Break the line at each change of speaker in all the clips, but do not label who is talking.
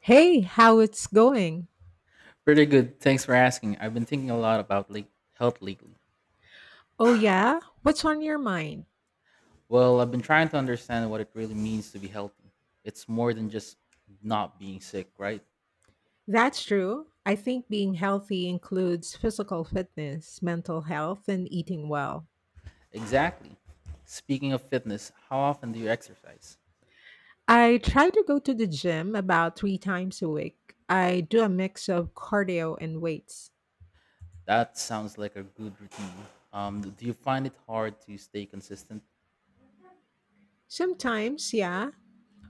Hey, how it's going?
Pretty good. Thanks for asking. I've been thinking a lot about health lately.
Oh, yeah? What's on your mind?
Well, I've been trying to understand what it really means to be healthy. It's more than just not being sick, right?
That's true. I think being healthy includes physical fitness, mental health, and eating well.
Exactly. Speaking of fitness, how often do you exercise?
I try to go to the gym about three times a week. I do a mix of cardio and weights.
That sounds like a good routine. Do you find it hard to stay consistent?
Sometimes, yeah,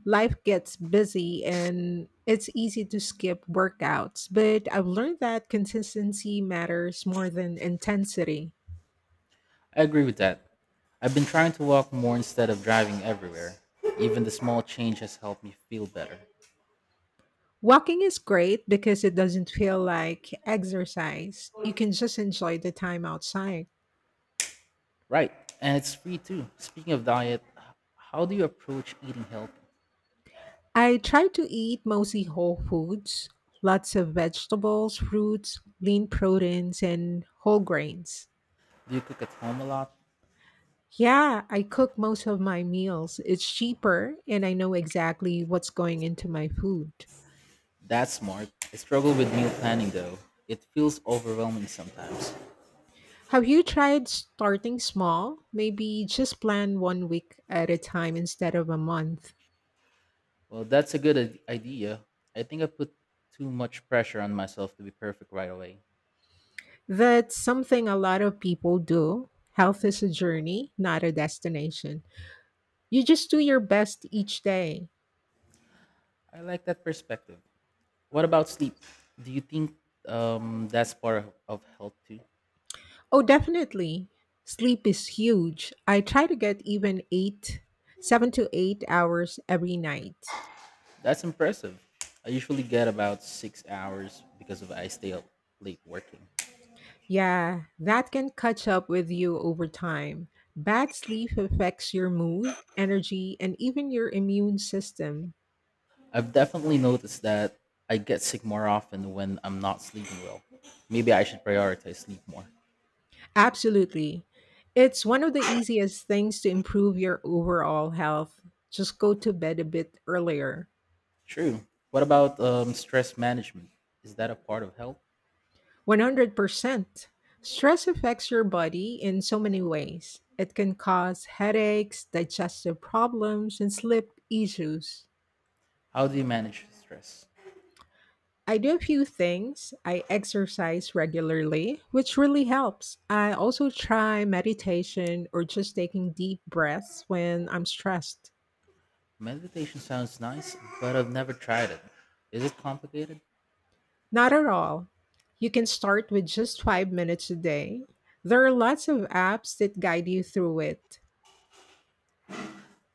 life gets busy and it's easy to skip workouts, but I've learned that consistency matters more than intensity.
I agree with that. I've been trying to walk more instead of driving everywhere. Even the small change has helped me feel better.
Walking is great because it doesn't feel like exercise. You can just enjoy the time outside.
Right. And it's free too. Speaking of diet, how do you approach eating healthy?
I try to eat mostly whole foods, lots of vegetables, fruits, lean proteins, and whole grains.
Do you cook at home a lot?
Yeah, I cook most of my meals. It's cheaper, and I know exactly what's going into my food.
That's smart. I struggle with meal planning though. It feels overwhelming sometimes.
Have you tried starting small? Maybe just plan one week at a time instead of a month.
Well, that's a good idea. I think I put too much pressure on myself to be perfect right away.
That's something a lot of people do. Health is a journey, not a destination. You just do your best each day.
I like that perspective. What about sleep? Do you think that's part of health too?
Oh, definitely. Sleep is huge. I try to get 7 to 8 hours every night.
That's impressive. I usually get about 6 hours because of I stay up late working.
Yeah, that can catch up with you over time. Bad sleep affects your mood, energy, and even your immune system.
I've definitely noticed that I get sick more often when I'm not sleeping well. Maybe I should prioritize sleep more.
Absolutely. It's one of the easiest things to improve your overall health. Just go to bed a bit earlier.
True. What about stress management? Is that a part of health?
100%. Stress affects your body in so many ways. It can cause headaches, digestive problems, and sleep issues.
How do you manage stress?
I do a few things. I exercise regularly, which really helps. I also try meditation or just taking deep breaths when I'm stressed.
Meditation sounds nice, but I've never tried it. Is it complicated?
Not at all. You can start with just 5 minutes a day. There are lots of apps that guide you through it.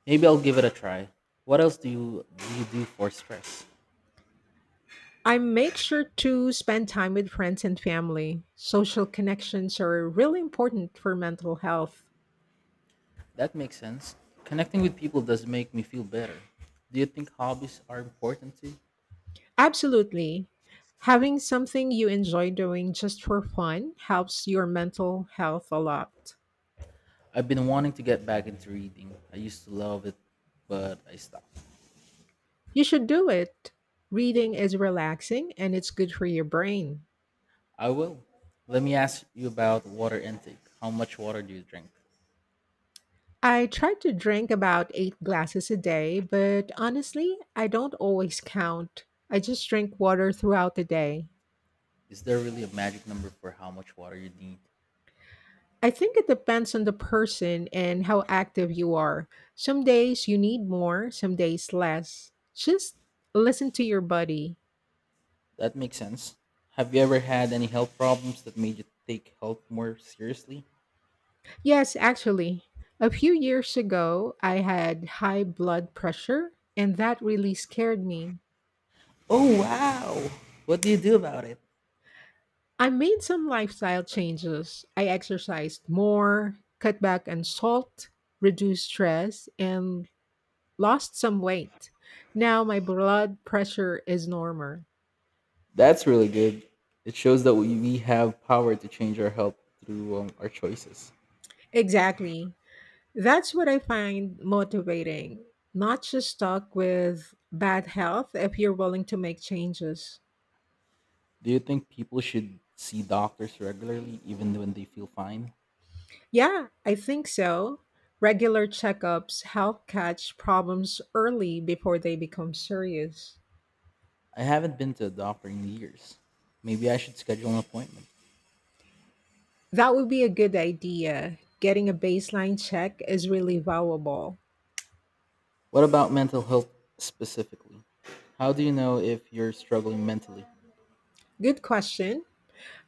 Maybe I'll give it a try. What else you do for stress?
I make sure to spend time with friends and family. Social connections are really important for mental health.
That makes sense. Connecting with people does make me feel better. Do you think hobbies are important too?
Absolutely. Having something you enjoy doing just for fun helps your mental health a lot.
I've been wanting to get back into reading. I used to love it, but I stopped.
You should do it. Reading is relaxing and it's good for your brain.
I will. Let me ask you about water intake. How much water do you drink?
I try to drink about eight glasses a day, but honestly, I don't always count. I just drink water throughout the day.
Is there really a magic number for how much water you need?
I think it depends on the person and how active you are. Some days you need more, some days less. Just listen to your body.
That makes sense. Have you ever had any health problems that made you take health more seriously?
Yes, actually, a few years ago, I had high blood pressure, and that really scared me.
Oh, wow. What do you do about it?
I made some lifestyle changes. I exercised more, cut back on salt, reduced stress, and lost some weight. Now my blood pressure is normal.
That's really good. It shows that we have power to change our health through our choices.
Exactly. That's what I find motivating. Not just stuck with bad health if you're willing to make changes.
Do you think people should see doctors regularly even when they feel fine?
Yeah, I think so. Regular checkups help catch problems early before they become serious.
I haven't been to a doctor in years. Maybe I should schedule an appointment.
That would be a good idea. Getting a baseline check is really valuable.
What about mental health specifically? How do you know if you're struggling mentally?
Good question.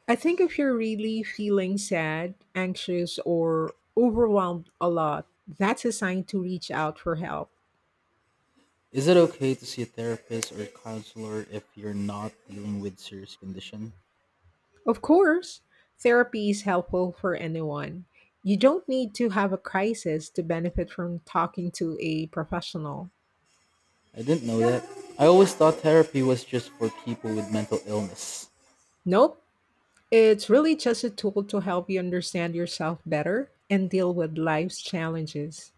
I think if you're really feeling sad, anxious, or overwhelmed a lot, that's a sign to reach out for help.
Is it okay to see a therapist or a counselor if you're not dealing with serious condition?
Of course, therapy is helpful for anyone. You don't need to have a crisis to benefit from talking to a professional.
I didn't know that. I always thought therapy was just for people with mental illness.
Nope, it's really just a tool to help you understand yourself better and deal with life's challenges.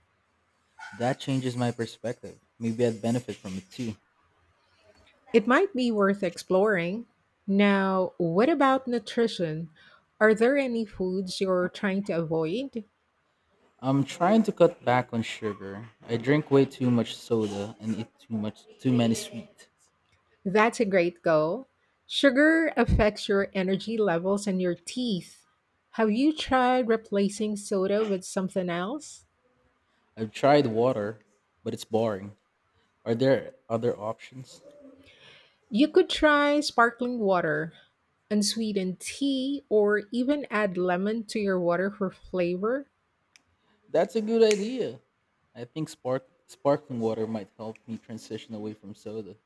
That changes my perspective. Maybe I'd benefit from it too.
It might be worth exploring. Now, what about nutrition? Are there any foods you're trying to avoid?
I'm trying to cut back on sugar. I drink way too much soda and eat too much too many sweet.
That's a great goal. Sugar affects your energy levels and your teeth. Have you tried replacing soda with something else?
I've tried water, but it's boring. Are there other options?
You could try sparkling water, unsweetened tea, or even add lemon to your water for flavor.
That's a good idea. I think sparkling water might help me transition away from soda.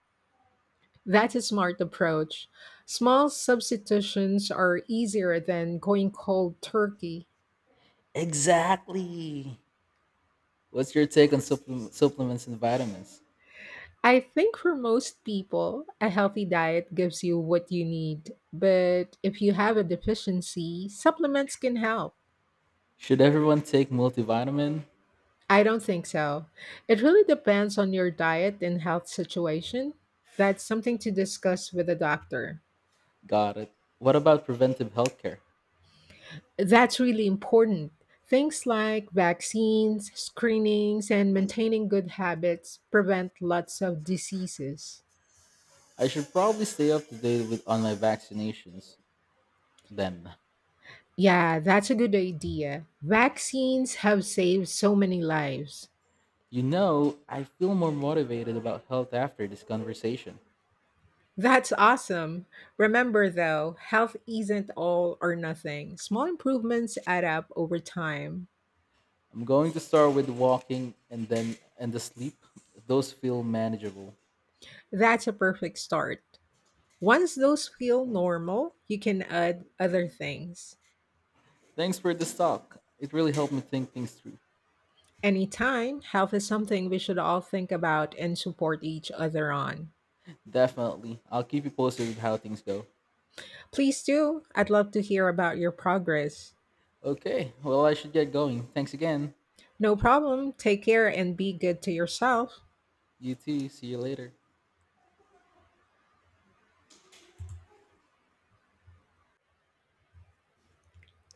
That's a smart approach. Small substitutions are easier than going cold turkey.
Exactly. What's your take on supplements and vitamins?
I think for most people, a healthy diet gives you what you need, but if you have a deficiency, supplements can help.
Should everyone take multivitamin?
I don't think so. It really depends on your diet and health situation. That's something to discuss with a doctor.
Got it. What about preventive healthcare?
That's really important. Things like vaccines, screenings, and maintaining good habits prevent lots of diseases.
I should probably stay up to date with on my vaccinations then.
Yeah, that's a good idea. Vaccines have saved so many lives.
You know, I feel more motivated about health after this conversation.
That's awesome. Remember, though, health isn't all or nothing. Small improvements add up over time.
I'm going to start with walking and the sleep. Those feel manageable.
That's a perfect start. Once those feel normal, you can add other things.
Thanks for this talk. It really helped me think things through.
Anytime, health is something we should all think about and support each other on.
Definitely. I'll keep you posted with how things go.
Please do. I'd love to hear about your progress.
Okay, well I should get going. Thanks again.
No problem. Take care and be good to yourself.
You too. See you later.